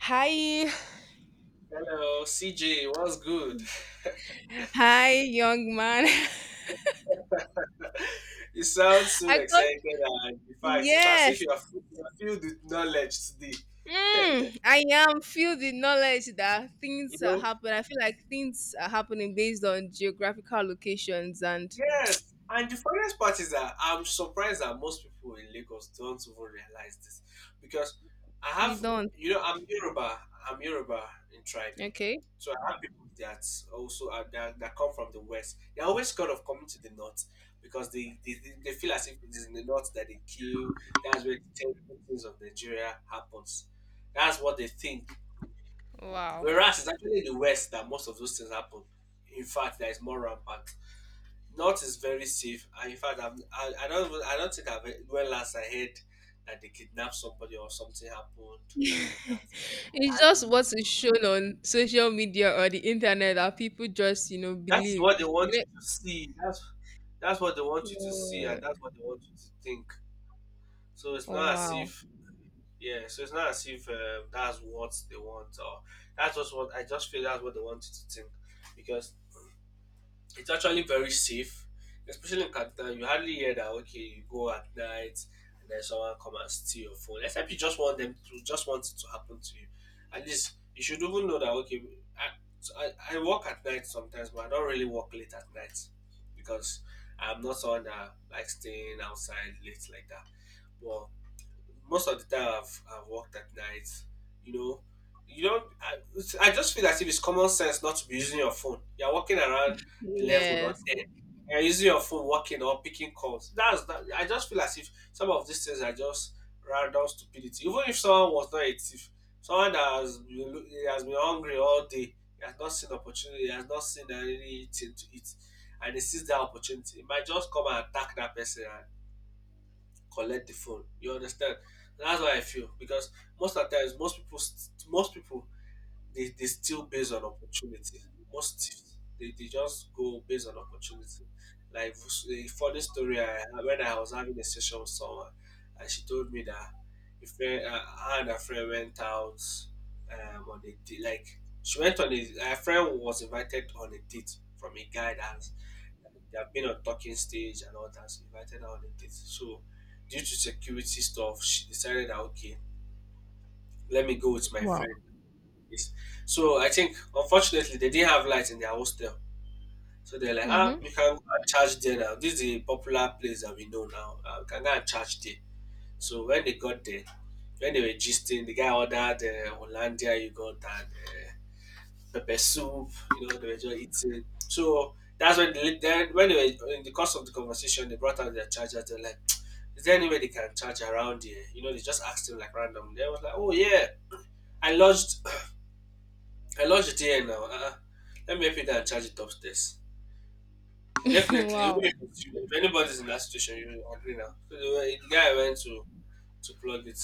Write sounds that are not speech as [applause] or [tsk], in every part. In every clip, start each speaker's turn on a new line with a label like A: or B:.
A: Hi,
B: Hello, CJ, what's good?
A: hi, young man. [laughs]
B: [laughs] You sound so
A: I got
B: excited, and in fact, it's as if
A: Yes.
B: you are filled with knowledge today. [laughs]
A: I am feel the knowledge that
B: You
A: things are
B: know,
A: happening. I feel like things are happening based on geographical locations, and
B: yes. And the funniest part is that I'm surprised that most people in Lagos don't even realize this because I
A: we
B: have,
A: don't.
B: you know, I'm Yoruba. I'm Yoruba in tribe.
A: Okay.
B: So I have people that also are, that come from the west. They're always scared of coming to the north because they feel as if it is in the north that they kill. That's where the terrible things of Nigeria happens. That's what they think.
A: Wow.
B: Whereas it's actually in the west that most of those things happen. In fact, there is more rampant. North is very safe. And in fact, I don't even- I don't think when last I heard that they kidnapped somebody or something happened
A: [laughs]
B: like that.
A: It's just what is shown on social media or the internet that people just
B: That is
A: believe.
B: what they want
A: You know-
B: you to see. That's what they want you to see, and that's what they want you to think. So it's
A: Oh,
B: not as
A: wow.
B: if yeah. So it's not as if that's what they want, or that's just what I just feel. That's what they want you to think, because it's actually very safe, especially in Canada. You hardly hear that okay, you go at night and then someone come and steal your phone. Except you just want them to just want it to happen to you. At least you should even know that okay, I, so I work at night sometimes, but I don't really work late at night because I'm not someone that likes staying outside late like that. But most of the time I've worked at night. You know, you don't. I, I just feel as if it's common sense not to be using your phone. You're walking around 11 or
A: Yes.
B: ten. You're using your phone, walking or picking calls. That's that. I just feel as if some of these things are just random stupidity. Even if someone was not a thief, someone that has he has been hungry all day, he has not seen opportunity, he has not seen anything to eat, and he sees that opportunity, he might just come and attack that person collect the phone. You understand? That's why I feel because most of the times, most people, they still based on opportunity. Most thieves, they just go based on opportunity. Like a funny story, I, when I was having a session with someone, and she told me that if friend, her and her friend went out on a date, like she went on a, her friend was invited on a date from a guy that they have been on talking stage and all that, so invited her on a date. So due to security stuff, she decided that okay, let me go with my
A: Wow.
B: friend. Yes. So I think unfortunately they didn't have light in their hostel. So they're like, ah,
A: Mm-hmm.
B: we can go and charge there now. This is a popular place that we know now. We can go and charge there. So when they got there, when they were gisting, the guy ordered Hollandia yogurt and pepper soup. You know, they were just eating. So that's when then when they were in the course of the conversation, they brought out their chargers. They're like, "Is there any way they can charge around here?" You know, they just asked him like random. They was like, "Oh yeah, I lodged, I lodged it here now. Let me help you down and charge it upstairs."
A: [laughs]
B: Definitely, even
A: Wow.
B: if, it's you, if anybody's in that situation, you will agree now. So the guy went to plug it.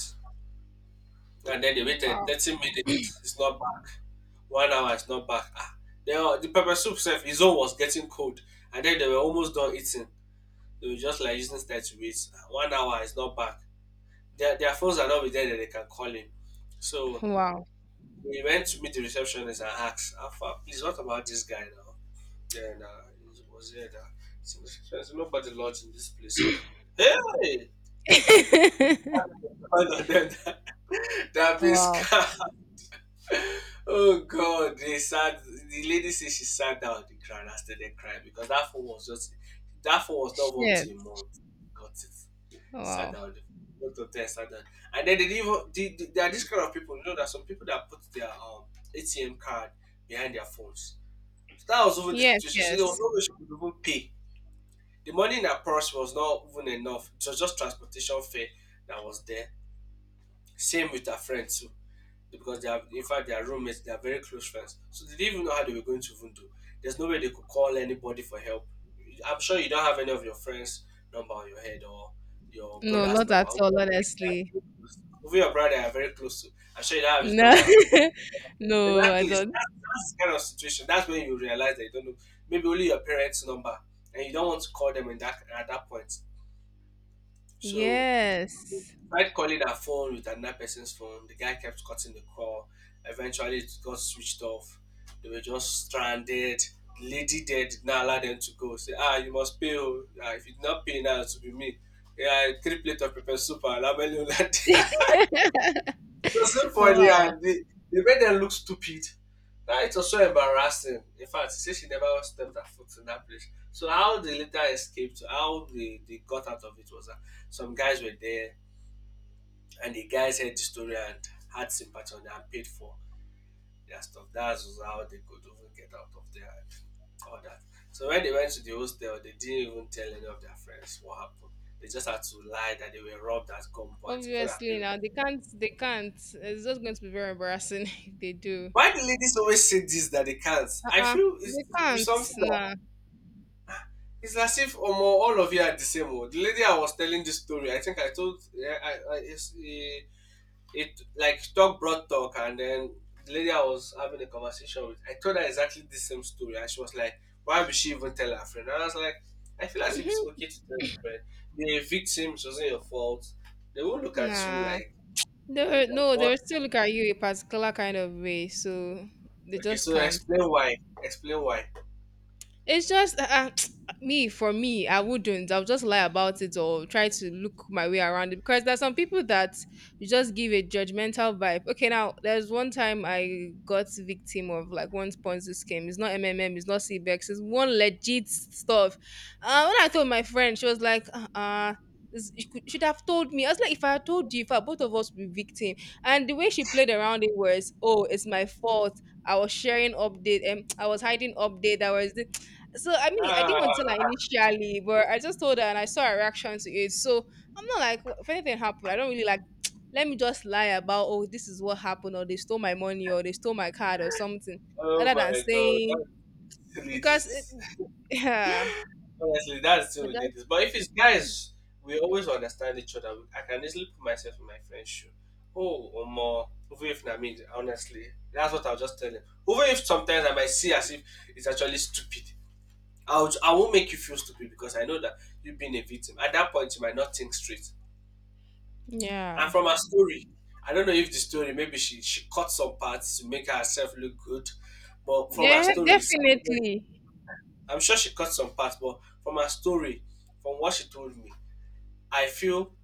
B: And then they waited
A: Wow.
B: 30 minutes, it's not back. One hour, it's not back. Ah, they all, the pepper soup self, his own was getting cold. And then they were almost done eating. They were just like using that to wait. Ah, one hour, it's not back. Their phones are not with them that they can call him. So
A: Wow.
B: we went to meet the receptionist and asked, Alpha, please, what about this guy now? Then it was here that there's nobody lodged in this place here. Hey!
A: [laughs]
B: [laughs] All of them [laughs] that being
A: Wow.
B: scammed. [laughs] Oh God, they sat. The lady said she sat down on the ground and started crying because that phone was not up to
A: Shit.
B: a month. Got it. Sat
A: Wow.
B: down on the. Went up there, sat down. And then they didn't even. There are this kind of people. You know, there are some people that put their ATM card behind their phones. So that was over the
A: Yes,
B: situation. So there was
A: yes.
B: no way she could even pay. The money in her purse was not even enough. It was just transportation fare that was there. Same with her friend too because they have in fact they are roommates, they are very close friends. So they didn't even know how they were going to even do. There's no way they could call anybody for help. I'm sure you don't have any of your friends' number on your head or your
A: No,
B: brother's
A: not
B: number.
A: at
B: Who
A: all,
B: your brother they are very
A: honestly.
B: close to. Who your brother they are very close to. I'm sure you don't have his
A: No.
B: number.
A: [laughs] No, I
B: Exactly. That's,
A: don't.
B: that's the kind of situation. That's when you realize that you don't know. Maybe only your parents' number, and you don't want to call them in that at that point. So
A: Yes.
B: tried calling her phone with another person's phone. The guy kept cutting the call. Eventually, it got switched off. They were just stranded. The lady there did not allow them to go. Say, ah, you must pay. Oh. Ah, if you did not pay now, it will be me. Yeah, three plate of pepper soup and ramen noodle." [laughs]
A: [laughs]
B: It was so funny,
A: Wow.
B: and they made them look stupid. Now it was so embarrassing. In fact, she said she never stepped her foot in that place. So how they later escaped, how they got out of it was that some guys were there and the guys heard the story and had sympathy on them and paid for their stuff. That's how they could even get out of there and all that. So when they went to the hostel, they didn't even tell any of their friends what happened. They just had to lie that they were robbed at gunpoint before their
A: Obviously
B: parents.
A: now they can't. It's just going to be very embarrassing [laughs] if they do.
B: Why do ladies always say this that they can't? I
A: Uh-uh.
B: feel
A: They
B: it's
A: can't.
B: something that
A: Nah.
B: it's as if almost all of you are the same. Oh. The lady I was telling this story, I think I told yeah, I, it like talk brought talk and then the lady I was having a conversation with, I told her exactly the same story and she was like, why would she even tell her friend? And I was like, I feel as if it's
A: Mhm.
B: okay to tell a friend. The victim it wasn't your fault. They won't look at you
A: Nah.
B: like that.
A: No, they
B: But
A: will still look at you a particular kind of way, so they
B: okay,
A: just
B: so
A: can't.
B: explain why. Explain why.
A: It's just [tsk] me for me. I wouldn't. I'll just lie about it or try to look my way around it because there's some people that you just give a judgmental vibe. Okay, now there's one time I got victim of like one Ponzi scheme. It's not MMM. It's not CBEX. It's one legit stuff. When I told my friend, she was like, should have told me. I was like, if I had told you, if I, both of us would be victim. And the way she played around it was, oh, it's my fault. I was sharing update and I was hiding update. I was So I mean, I didn't want to tell her
B: Ah,
A: initially, but I just told her and I saw her reaction to it. So I'm not like, If anything happened, I don't really like [tsk] let me just lie about, oh, this is what happened or they stole my money or they stole my card or something
B: oh
A: other than
B: my god,
A: saying
B: that
A: because it."
B: ladies.
A: [laughs] Yeah.
B: Honestly, that's still
A: But
B: with
A: that's,
B: ladies. But if it's guys, we always understand each other. I can easily put myself in my friend's shoe. Oh, or more. Even if na me, honestly, that's what I'll just tell him. Even if sometimes I might see as if it's actually stupid, I won't make you feel stupid because I know that you've been a victim. At that point, you might not think straight. And
A: yeah,
B: from her story, I don't know if the story maybe she cut some parts to make herself look good, but from her
A: yeah,
B: story, it's-
A: definitely,
B: I'm sure she cut some parts. But from her story, from what she told me, I feel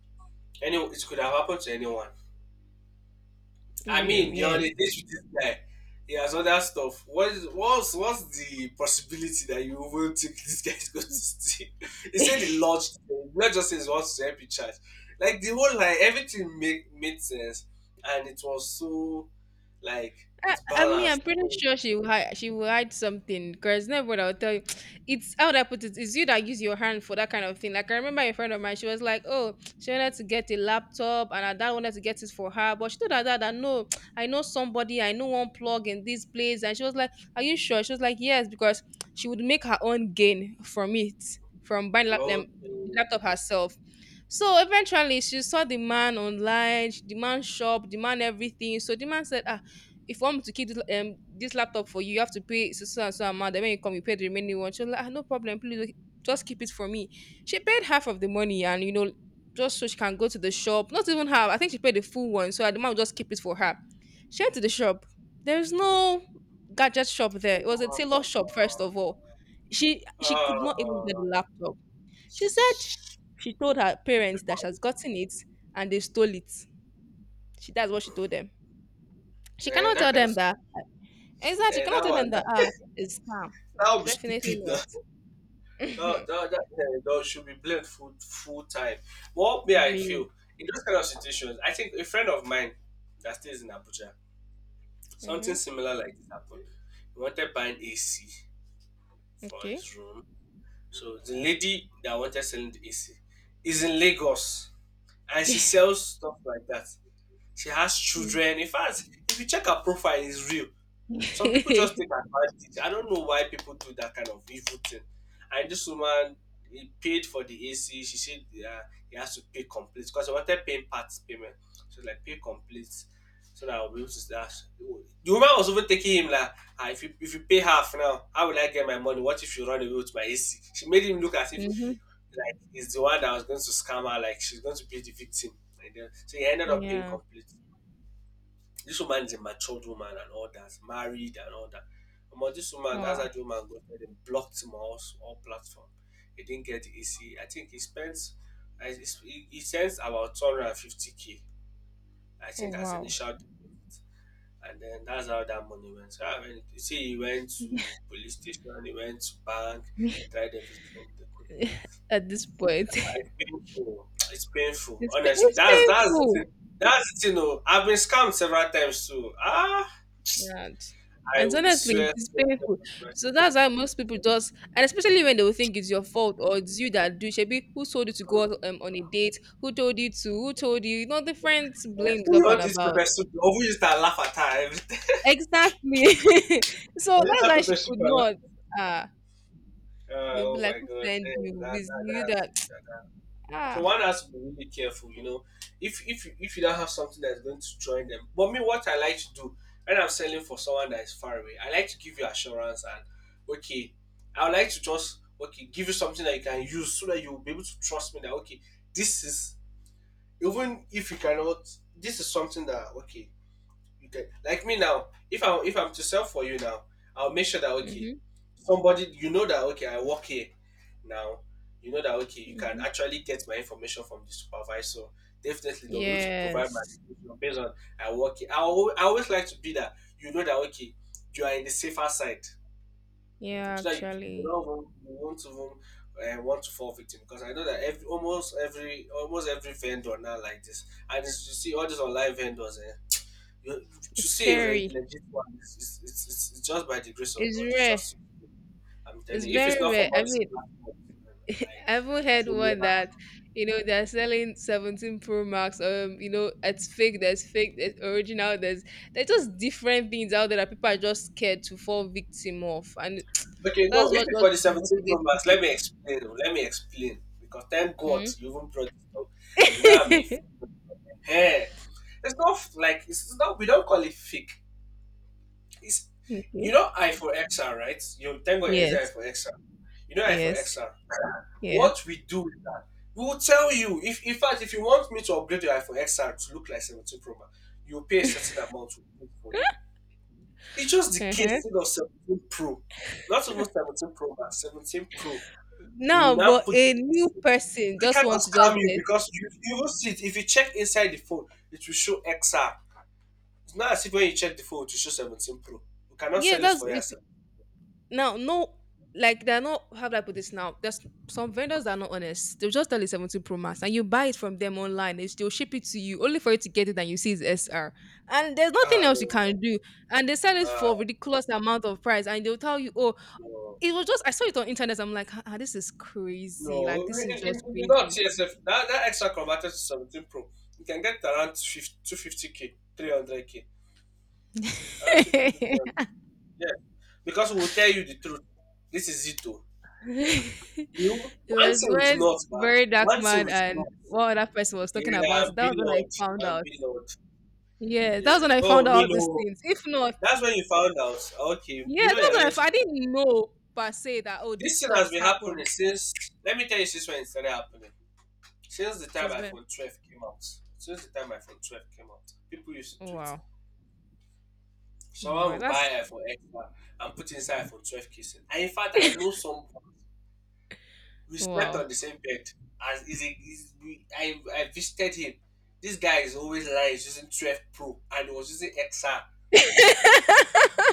B: any it could have happened to anyone. I
A: real,
B: mean, you're on
A: yes.
B: a date with this guy. He has other stuff. What is what's the possibility that you will think this guy is going to steal? [laughs] He said he
A: [laughs]
B: lodged. Not just says he wants to help you charge. Like the whole like everything make made sense, and it was so like it's
A: I mean, I'm
B: balanced.
A: pretty
B: So,
A: sure she will hide something because never would I will tell you. [tsk] It's how would I put it? It's you that use your hand for that kind of thing. Like I remember a friend of mine, she was like, "Oh, [tsk] she wanted to get a laptop, and her dad wanted to get it for her, but she told her dad that no, [tsk] I know somebody, I know one plug in this place." And she was like, "Are you sure?" She was like, "Yes," because [tsk] she would make her own gain from it, from buying
B: Lord,
A: the laptop herself. So eventually, she saw the man online, the man shop, the man everything. So the man said, "Ah, if you want me to keep this laptop for you, you have to pay so so and so amount. Then when you come, you pay the remaining one." She was like, ah, no problem, please like, just keep it for me. She paid half of the money, and just so she can go to the shop. Not even half. I think she paid the full one, so the man would just keep it for her. She went to the shop. There is no gadget shop there. It was a tailor shop, first of all. She
B: uh,
A: she could not even get the
B: uh,
A: laptop. She said she told her parents that she has gotten it and they stole it. She That's what she told them. She
B: and
A: cannot
B: that
A: tell
B: kind of
A: them that. Exactly. You
B: and
A: cannot
B: that
A: tell
B: one
A: them that
B: that,
A: it's scam.
B: that would be
A: Definitely
B: stupid
A: not.
B: now. No,
A: [laughs]
B: that should be blamed full full time. What may I feel
A: Real.
B: in those kind of situations? I think a friend of mine that stays in Abuja, something
A: Mm-hmm.
B: similar like this happened. He wanted buying AC for his
A: Okay.
B: room. So the lady that wanted selling the AC is in Lagos, and she sells stuff like that. She has
A: Mm-hmm.
B: children. In fact, if you check her profile, it's real. Some people just take advantage. I don't know why people do that kind of evil thing. And this woman, he paid for the AC. She said uh, he has to pay complete because I wanted paying parts payment. So like pay complete, so that I'll be able to start. The woman was even taking him like, ah, if you pay half now, how will I get my money? What if you run away with my AC? She made him look as if
A: [laughs]
B: like he's the one that was going to scam her, like she's going to be the victim. And then, so he ended up paying
A: Yeah.
B: complete. This woman is a matured woman and all that, married and all that. But this woman, that's
A: Wow.
B: how the woman got there. They blocked him on all platform. He didn't get the AC. I think he spends, I- he sends about 250k, I
A: Oh,
B: think, as
A: wow.
B: initial deposit. And then that's how that money went. So, I mean, you see, he went to police station, he went to bank, tried everything they couldn't.
A: [laughs] At this
B: Ah,
A: point, [laughs]
B: it's painful. It's painful. Honestly,
A: it's
B: that's the
A: painful.
B: thing. That's the thing. Oh, I've been scammed several times too. Ah.
A: And,
B: I
A: and
B: will swear,
A: honestly,
B: swear,
A: it's
B: swear,
A: painful.
B: swear.
A: So that's why most people just, and especially when they will think it's your fault or it's you that do. Shebi, who told you to go
B: Hmm.
A: out on a date? Who told you to? Who told you? Different
B: Eh,
A: blames
B: who you
A: up and
B: want this
A: about.
B: pepper soup? Or who used that laugh at her? Every time? [laughs]
A: Exactly. [laughs] So
B: Who used
A: that's
B: that
A: why she
B: pepper [laughs] soup
A: could
B: and
A: not.
B: laugh?
A: Ah, they'll be
B: Oh
A: like,
B: my
A: "Who
B: god,
A: sent
B: eh,
A: you?
B: that,
A: With
B: that,
A: you
B: that's,
A: that?" [tsk]
B: that. So
A: Ah.
B: one has to be really careful, you know. If you don't have something that's going to join them, but me, what I like to do when I'm selling for someone that is far away, I like to give you assurance and okay, I would like to just okay give you something that you can use so that you'll be able to trust me that okay, this is even if you cannot, this is something that okay. Okay, like me now, if I if I'm to sell for you now, I'll make sure that okay,
A: Mhm.
B: somebody you know that okay, I work here now. You know that okay, you can
A: Mhm.
B: actually get my information from the supervisor. Definitely, they'll be able to provide my
A: Yes.
B: information based on I work here. I always like to be that you know that okay, you are in the safer side,
A: Yeah.
B: so that
A: Actually,
B: you won't even want to fall victim. Because I know that every almost every almost every vendor now like this, and it's, you see all these online vendors. Eh, you- to
A: it's
B: see a
A: scary.
B: legit one is it's just by the grace of
A: It's
B: God. It's
A: rare.
B: just I'm telling
A: It's
B: you, if it's
A: very
B: not for
A: rare.
B: all
A: I
B: these
A: mean,
B: platforms
A: [laughs]
B: like
A: I haven't heard one
B: Jumia,
A: that they're selling 17 Pro Max. It's fake. There's fake. There's original. There's just different things out there that people are just scared to fall victim of, and
B: okay,
A: [tsk]
B: no,
A: that's
B: if
A: what
B: it's
A: just
B: for the 17 Pro
A: demotivates
B: Max,
A: people.
B: let me explain. Oh, let me explain because thank God
A: Hmm?
B: you even brought this up. You know what I mean?
A: [laughs]
B: Hey, it's not f- like it's not. We don't call it fake. It's you
A: Okay.
B: know I for XR, right? You thank God it's I
A: Yes.
B: for XR. You know I for
A: Yes.
B: XR.
A: Yes.
B: What we do is that we will tell you if in fact if you want me to upgrade your iPhone XR to look like 17 Pro Max, you pay a certain
A: [laughs]
B: amount to do it for you. It's just the
A: Uh-huh.
B: casing of 17 Pro, not even 17 Pro Max, 17 Pro. We will
A: Now,
B: now
A: but
B: put
A: a new
B: this.
A: person
B: We
A: just
B: cannot
A: wants to just
B: scam you
A: get,
B: because you will see it. If you check inside the phone, it will show XR. It's not as if when you check the phone, it will show 17 Pro. We cannot
A: yeah.
B: sell it
A: That's
B: for you
A: You
B: as
A: see, now no, like they're not, how do I put this now? There's some vendors that are not honest. They'll just tell you 17 Pro Max and you buy it from them online. They still ship it to you only for you to get it and you see it's SR. And there's nothing
B: ah
A: else you
B: no,
A: can do. And they sell it for
B: ah
A: ridiculous amount of price and they'll tell you, oh,
B: no.
A: it was just I saw it on internet. I'm like, this is crazy. Like
B: No,
A: this is
B: in, in,
A: just
B: in the not
A: crazy.
B: TSF, that extra converted to 17 Pro, you can get around two 50, 250k, 300k,
A: [laughs]
B: around 250, 300.
A: It
B: Yeah, because we will tell you the truth. This is it, though. You, one
A: was
B: thing with
A: when
B: not, man.
A: Barry
B: One thing
A: Duckman
B: with
A: and
B: not.
A: one other person was talking
B: Yeah,
A: about
B: I'm
A: it. That was when I
B: Lord.
A: found
B: I'm
A: out.
B: Lord.
A: Yeah, that was
B: Yeah.
A: when I found
B: Oh,
A: out
B: me
A: all these
B: no.
A: things. If not,
B: That's when you found out. Okay,
A: yeah,
B: you
A: that
B: know you're
A: was
B: not
A: when
B: into
A: I
B: the business.
A: didn't know per se that oh these
B: This thing has
A: stuffs
B: been happening
A: happen.
B: since. Let me tell you, since when it started happening. Since the
A: It
B: time
A: is when,
B: iPhone 12 came out, since the time iPhone 12 came out, people used to do it.
A: wow,
B: Someone
A: wow,
B: will buy
A: that's
B: iPhone X R and put inside iPhone 12 casing. And in fact, I know someone. We slept
A: wow.
B: on the same bed. As is a, is we, I visited him. This guy is always lying. He's using 12 Pro and he was using XR.
A: [laughs]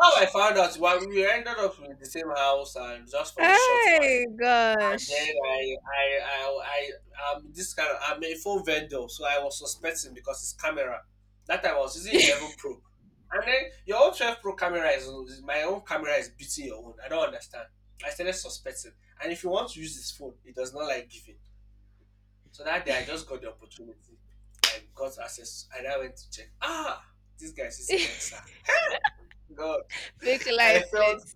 B: How I found out, well, we ended up in the same house and just for a short while.
A: Hey
B: And then
A: gosh.
B: this kind of, I'm a phone vendor, so I was suspecting because it's camera. That time I was using
A: [laughs]
B: 11 Pro, and then your own 12 Pro camera my own camera is beating your own. I don't understand. I started suspecting, and if you want to use this phone, it does not like giving. So that day I just got the opportunity, and got access, and I went to check. Ah, this guy using XR. God,
A: Fake
B: [laughs] I
A: life,
B: felt
A: let's.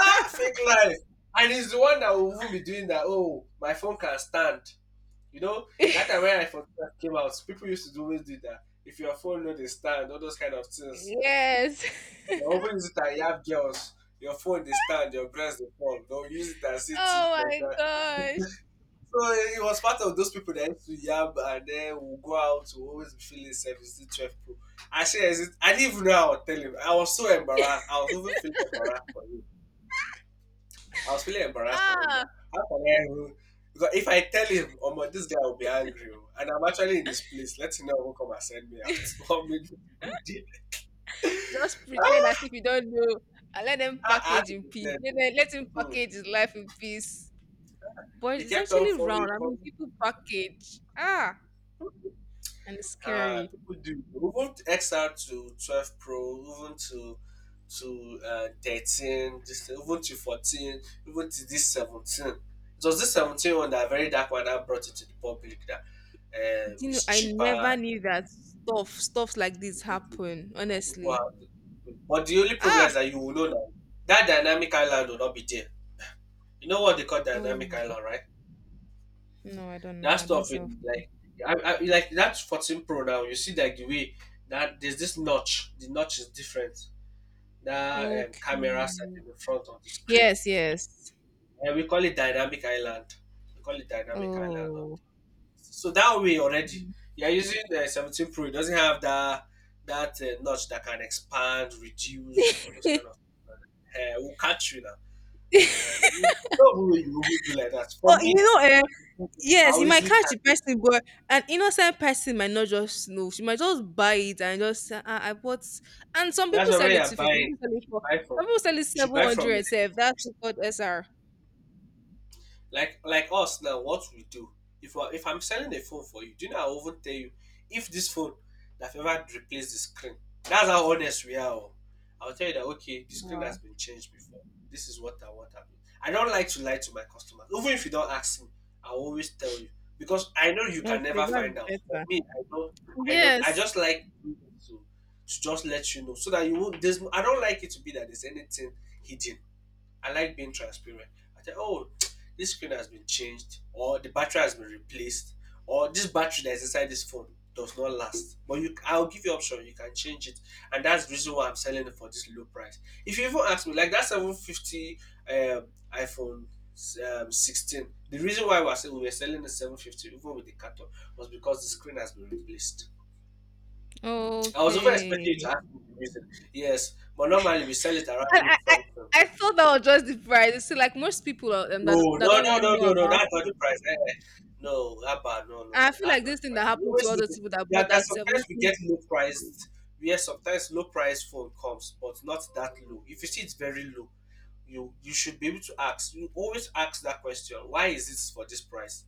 B: ah fake life, and he's the one that will even be doing that. Oh, my phone can stand. You know, that time when I for came out, people used to always do that. If your phone no dey stand, all those kind of
A: [laughs]
B: things.
A: Yes.
B: You
A: [laughs]
B: often use it and you have girls, your phone dey stand, your breast dey fall. Don't use it and say things
A: Oh
B: like
A: my
B: that.
A: gosh.
B: So it was part of those people that used to yab and then will go out to always be feeling service to 12 pro. I say, I didn't even know I would tell him. I was so embarrassed. I was even feeling embarrassed for him. I was feeling embarrassed for him.
A: Ah.
B: That how can I? Because if I tell him, oh my, this guy will be angry, oh, and I'm actually in this place, let him know who come and send me out. [laughs] What made you go there?
A: Just
B: [laughs]
A: pretend as
B: Ah,
A: if you don't know and let them
B: I had
A: package
B: to
A: in peace.
B: pretend.
A: Let him
B: Hmm.
A: package his life in peace. But
B: He
A: it's
B: kept on
A: actually round. I mean,
B: forming.
A: people package. Ah, and it's scary.
B: People do. Even XR to 12 Pro, even to 13, this, even to 14, even to this 17. It was this 17 one that very dark one that brought it to the public that
A: Do you know,
B: is
A: I
B: cheaper.
A: never knew that stuffs like this happen, honestly.
B: Wow. But the only problem
A: Ah,
B: is that you will know that that dynamic island will not be there. You know what they call
A: oh,
B: dynamic island, right?
A: no, I don't
B: That
A: know. I don't
B: stuff
A: self.
B: in like like that's 14 Pro now. You see like the way that there's this notch. The notch is different. That camera side
A: Okay.
B: in the front of the screen.
A: Yes, yes.
B: And we call it dynamic island. We call it dynamic island.
A: Oh.
B: So that way already, you're using the 17 Pro. It doesn't have that notch that can expand, reduce, all those
A: [laughs]
B: kind of things. Will catch you now. You don't know you will do like that.
A: Well,
B: For me, I
A: yes,
B: will
A: you might
B: easily
A: catch
B: catch.
A: the person, but an innocent person might not just know. She might just buy it and just say, ah, I bought. And some
B: That's
A: people
B: why when
A: sell it
B: you're
A: 250. Some
B: buying,
A: people sell
B: you
A: it
B: should
A: for.
B: buy from.
A: Some people
B: You
A: sell it
B: should
A: seven
B: buy from the.
A: hundred. Self. That's so called SR.
B: Like us now, what we do. If I, if I'm selling a phone for you, do you know I will even tell you if this phone that I've ever replaced the screen. That's how honest we are. Oh, I'll tell you that okay, the screen has
A: Wow,
B: been changed before. This is what I want. I mean, I don't like to lie to my customers. Even if you don't ask me, I will always tell you. Because I know you can
A: that's
B: never find out.
A: that's
B: For
A: better.
B: me, I know I
A: Yes.
B: just like to just let you know so that you won't. There's, I don't like it to be that there's anything hidden. I like being transparent. I say, oh, [tsk] this screen has been changed, or the battery has been replaced, or this battery that's inside this phone does not last. But you, I'll give you option. You can change it, and that's the reason why I'm selling it for this low price. If you even ask me, like that 750 um, iPhone 16, the reason why we were selling the 750 even with the cutter was because the screen has been replaced. I was over expecting you
A: Okay.
B: to ask me the reason. Yes, but normally we sell it around
A: I, I
B: eight
A: I
B: something.
A: I thought that was just the price. So, like most people that
B: No,
A: that
B: no,
A: don't
B: no,
A: really
B: no,
A: know
B: no, no.
A: about,
B: That's not the price. Eh. No, Abba, no, no,
A: I
B: no.
A: feel
B: That's
A: like
B: not
A: this
B: the
A: thing
B: price.
A: that
B: We
A: happened to
B: always
A: all those
B: lose it.
A: people that
B: Yeah,
A: bought
B: that
A: that
B: sometimes we
A: 17.
B: get low priced. Yes, sometimes low price phone comes, but not that low. If you see it's very low, you should be able to ask. You always ask that question. Why is this for this price?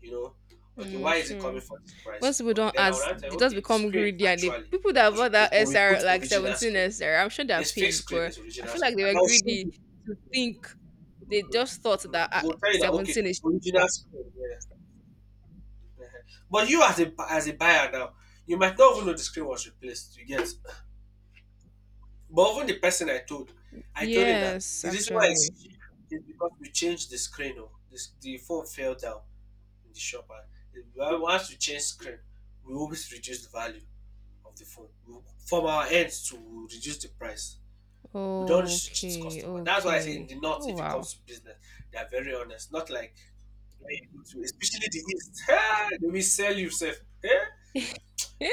B: You know, okay,
A: Mm,
B: why is it
A: sure.
B: coming for this price?
A: Once people
B: Okay,
A: don't
B: then I would
A: ask,
B: answer.
A: they just
B: Okay, the
A: become
B: screen
A: greedy, and the
B: actually
A: people that
B: was
A: bought that
B: replaced, but we
A: SR
B: put
A: like
B: original
A: 17
B: screen.
A: SR, I'm sure they're
B: There's fake
A: pained,
B: screen,
A: but
B: there's
A: I
B: original
A: feel like
B: screen,
A: they
B: and
A: were
B: I'll show
A: greedy
B: you.
A: to think they just thought
B: Mhm.
A: that
B: We'll tell you that okay,
A: 17 is cheaper.
B: original screen. Yeah. But you as a buyer now, you might not even know the screen was replaced. You get, but even the person I told him that
A: Yes,
B: the reason why it's
A: actually.
B: cheap is because we changed the screen. Oh, this the phone fell down in the shop, and well, once we change screen, we always reduce the value of the phone. We, from our end to reduce the price. We don't wish to cheat
A: Okay,
B: customer. That's why I say in
A: okay.
B: the north,
A: Oh
B: if it
A: wow.
B: comes to business, they are very honest. Not like especially the east. [laughs] They will sell you, sef. Eh?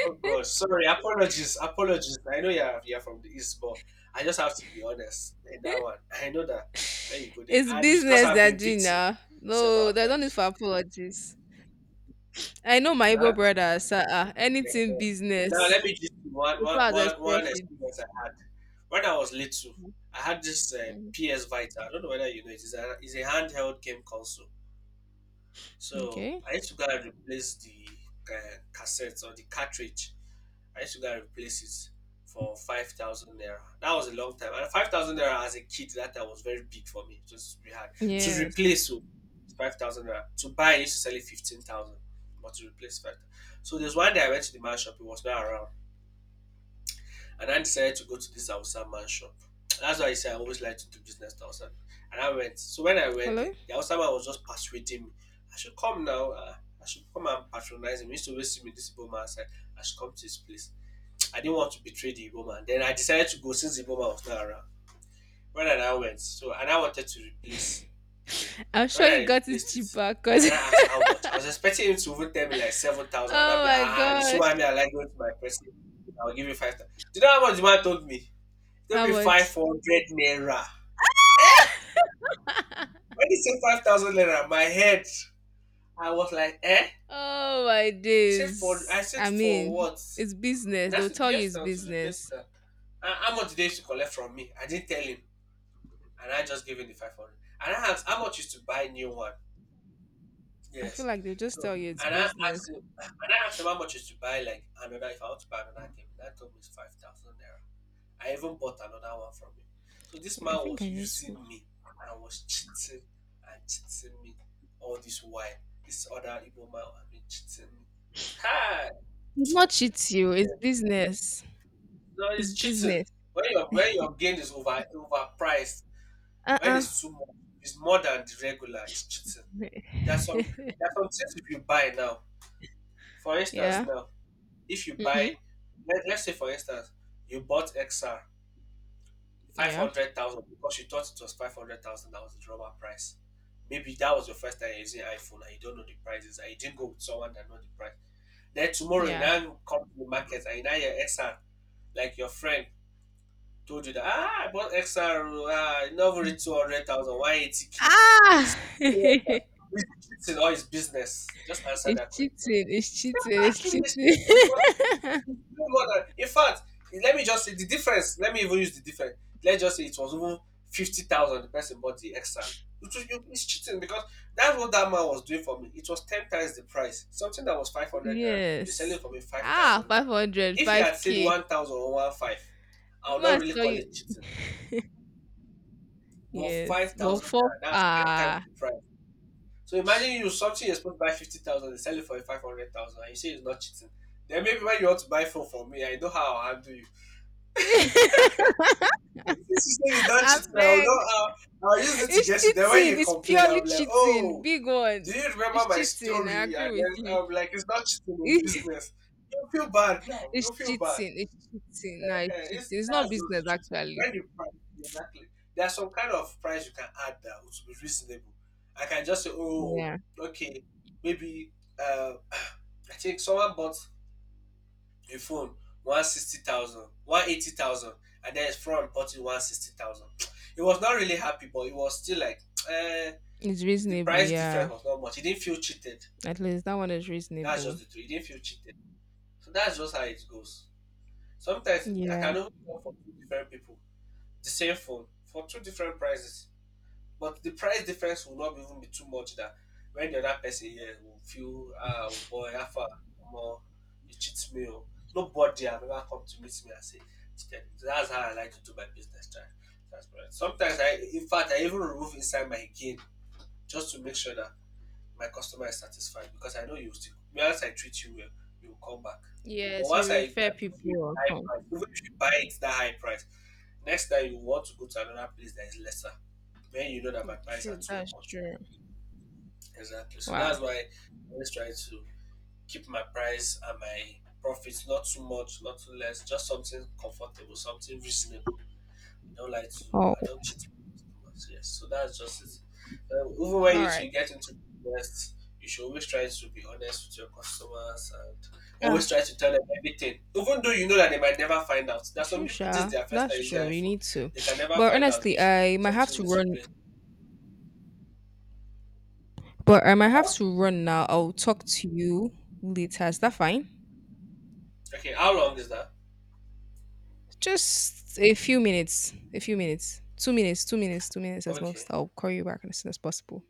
B: Oh God, sorry. Apologies, apologies. I know you're from the east, but I just have to be honest in that one. I know that when you go there,
A: It's
B: and it's because
A: business
B: I've
A: they're
B: been
A: doing
B: victim
A: now.
B: several
A: No, they don't need
B: times.
A: for apologies. I know my Igbo
B: Huh?
A: brothers,
B: Yeah.
A: anything
B: Yeah. Now
A: business,
B: let me just one
A: so
B: one
A: far as there's
B: one one
A: profit.
B: experience I had when I was little. I had this
A: Mhm.
B: PS Vita. I don't know whether you know it. It's a handheld game console. So
A: Okay.
B: I used to go and replace the cassette or the cartridge. I used to go and replace it for 5,000 naira. That was a long time. And 5,000 naira as a kid that time was very big for me. It was very hard to
A: Yes.
B: replace. Oh, 5,000 naira to buy. I used to sell it 15,000, but to replace five. So there's one day I went to the man shop. It was not around, and I decided to go to this Hausa man shop. That's why I say I always like to do business to Hausa. And I went. So when I went there,
A: Hello?
B: the Hausa man was just persuading me. I should come now. I should come and patronize him. He used to always see me this Igbo man outside. I should come to his place. I didn't want to betray the Igbo man. Then I decided to go since the Igbo man was not around. When I went, so and I wanted to replace the game.
A: [laughs] I'm
B: So when
A: sure you
B: I
A: got it
B: replaced it,
A: cheaper
B: and
A: because
B: I asked
A: [laughs]
B: how much, I was expecting him to even tell me like 7,000. And I'd
A: oh
B: be like,
A: my
B: ah, you see
A: gosh.
B: why me? I like going to my person. I'll give you 5,000. Do you know how much the man told me? He told
A: How
B: me five
A: much?
B: hundred naira. Eh? When he said 5,000 naira, my head, I was like, eh?
A: Oh my
B: He said for, I
A: days.
B: said
A: I
B: for
A: mean,
B: what?
A: it's
B: And
A: business.
B: I
A: They'll
B: said
A: tell you
B: yes
A: it's
B: now to replace
A: business.
B: that. "Ah, how much did they used to collect from me? I didn't tell him. And I just gave him the 500. And I asked how much is to buy new one.
A: I feel
B: Yes.
A: like they'll just
B: So
A: tell you it's
B: and I
A: business.
B: asked him and I asked him how much is to buy like another if I want to buy another game. That told me it's 5,000 naira. I even bought another one from him. So this
A: Wait,
B: man
A: I think I
B: was
A: need to.
B: using me and was cheating and cheating me all this while. This other Igbo man has been cheating me. Hi!
A: Did not cheat you. It's business.
B: No,
A: It's
B: it's cheating.
A: business.
B: When your gain is overpriced, when
A: Uh.
B: it's too much, it's more than the regular, it's cheating. There's some
A: [laughs]
B: there's some things if you buy now. For instance,
A: Yeah.
B: now if you buy,
A: Mm-hmm.
B: let's say for instance, you bought XR five
A: Yeah.
B: hundred thousand because you thought it was 500,000 that was the normal price. Maybe that was your first time using iPhone and you don't know the prices and you didn't go with someone that know the price. Then tomorrow you
A: Yeah.
B: now come to the market and you now hear XR like your friend told you that ah I bought XR oh, ah it never reach 200,000 why 80K. This
A: Ah!
B: is
A: [laughs] It's
B: cheating or is business. Just
A: cheating.
B: answer that question.
A: It's cheating. It's
B: Give me the strength because
A: cheating.
B: it's doing in fact, let me just say the difference. Let me even use the difference. Let's just say it was even 50,000. The person bought the extra. It's cheating because that's what that man was doing for me. It was ten times the price. Something that was five
A: [laughs]
B: hundred naira, you're selling
A: Yes.
B: for me five
A: Ah,
B: thousand
A: five
B: naira.
A: hundred,
B: If you
A: five
B: had said
A: k
B: 1,000 or one five, I
A: The
B: would not
A: man
B: really
A: saw
B: call
A: you.
B: it cheating. But five
A: Yes. Well,
B: thousand
A: four.
B: naira, that's ten times
A: Ah.
B: the price. So imagine you something you're supposed to buy 50,000, they sell it for 500,000, and you say it's not cheating. Then maybe when you want to buy phone for me, I know how I'll handle you.
A: [laughs]
B: If you say it's not
A: I
B: cheating, I will know
A: beg.
B: how I'll use it to
A: It's
B: get you. Then when
A: cheating.
B: you
A: It's
B: complain,
A: purely
B: I'll be like,
A: cheating.
B: oh,
A: Big
B: do
A: one.
B: you remember
A: It's
B: my
A: cheating. I
B: story?
A: agree
B: And
A: with
B: then
A: you.
B: I'm like, it's not cheating in
A: [laughs]
B: business. You feel bad now.
A: It's
B: You feel bad.
A: cheating. It's cheating. No,
B: Eh,
A: it's
B: it's,
A: cheating. It's
B: that's
A: not
B: just the
A: business
B: truth.
A: actually.
B: When you price, exactly. There's some kind of price you can add that would be reasonable. I can just say, oh,
A: Yeah.
B: okay, maybe uh, [clears throat] [sighs] I think someone bought a phone 160,000, 180,000, and then his friend bought it 160,000. [tsk] He was not really happy, but it was still like uh,
A: It's
B: the
A: reasonable,
B: price difference
A: yeah.
B: was not much. He didn't feel cheated.
A: At least that one is
B: That's just
A: reasonable.
B: the truth. He didn't feel cheated. So that's just how it goes. Sometimes I
A: Yeah.
B: can even go for two different people the same phone for two different prices. But the price difference will not even be too much that when the other person here will feel, ah, oh boy, how far more you cheat me. Oh. Nobody have ever come to meet me and say, "Chiken, that's how I like to do my business. Try. That's right. Sometimes I, in fact, I even remove inside my gain just to make sure that my customer is satisfied because I know you still, once I treat you well, you will come back. But
A: Yes,
B: once
A: you
B: I
A: refer
B: put
A: people
B: you in
A: or
B: high
A: come.
B: price, even if you buy it that high price, next time you want to go to another place that is lesser, when you know that
A: Yeah,
B: my price are
A: true,
B: too
A: that's
B: much.
A: true.
B: Exactly. So
A: Wow.
B: that's why I always try to keep my price and my profits not too much, not too less, just something comfortable, something reasonable. I don't like to.
A: Oh.
B: I don't cheat too. Yes, so that's just it. Even when
A: All
B: you
A: right.
B: two get into business, you should always try to be honest with your customers and
A: Ah,
B: always try to tell them everything, even though you know that they might never find out. There are some
A: true,
B: people this is
A: Sha.
B: their first time
A: That's
B: using
A: true. We
B: iPhone,
A: need to.
B: they can never
A: But
B: find out
A: honestly,
B: if something is replaced.
A: I might have to run now. I'll talk to you later. Is that fine?
B: Okay, how long is that?
A: Just a few minutes. A few minutes. 2 minutes, 2 minutes, 2 minutes at
B: Okay.
A: most. I'll call you back as soon as possible.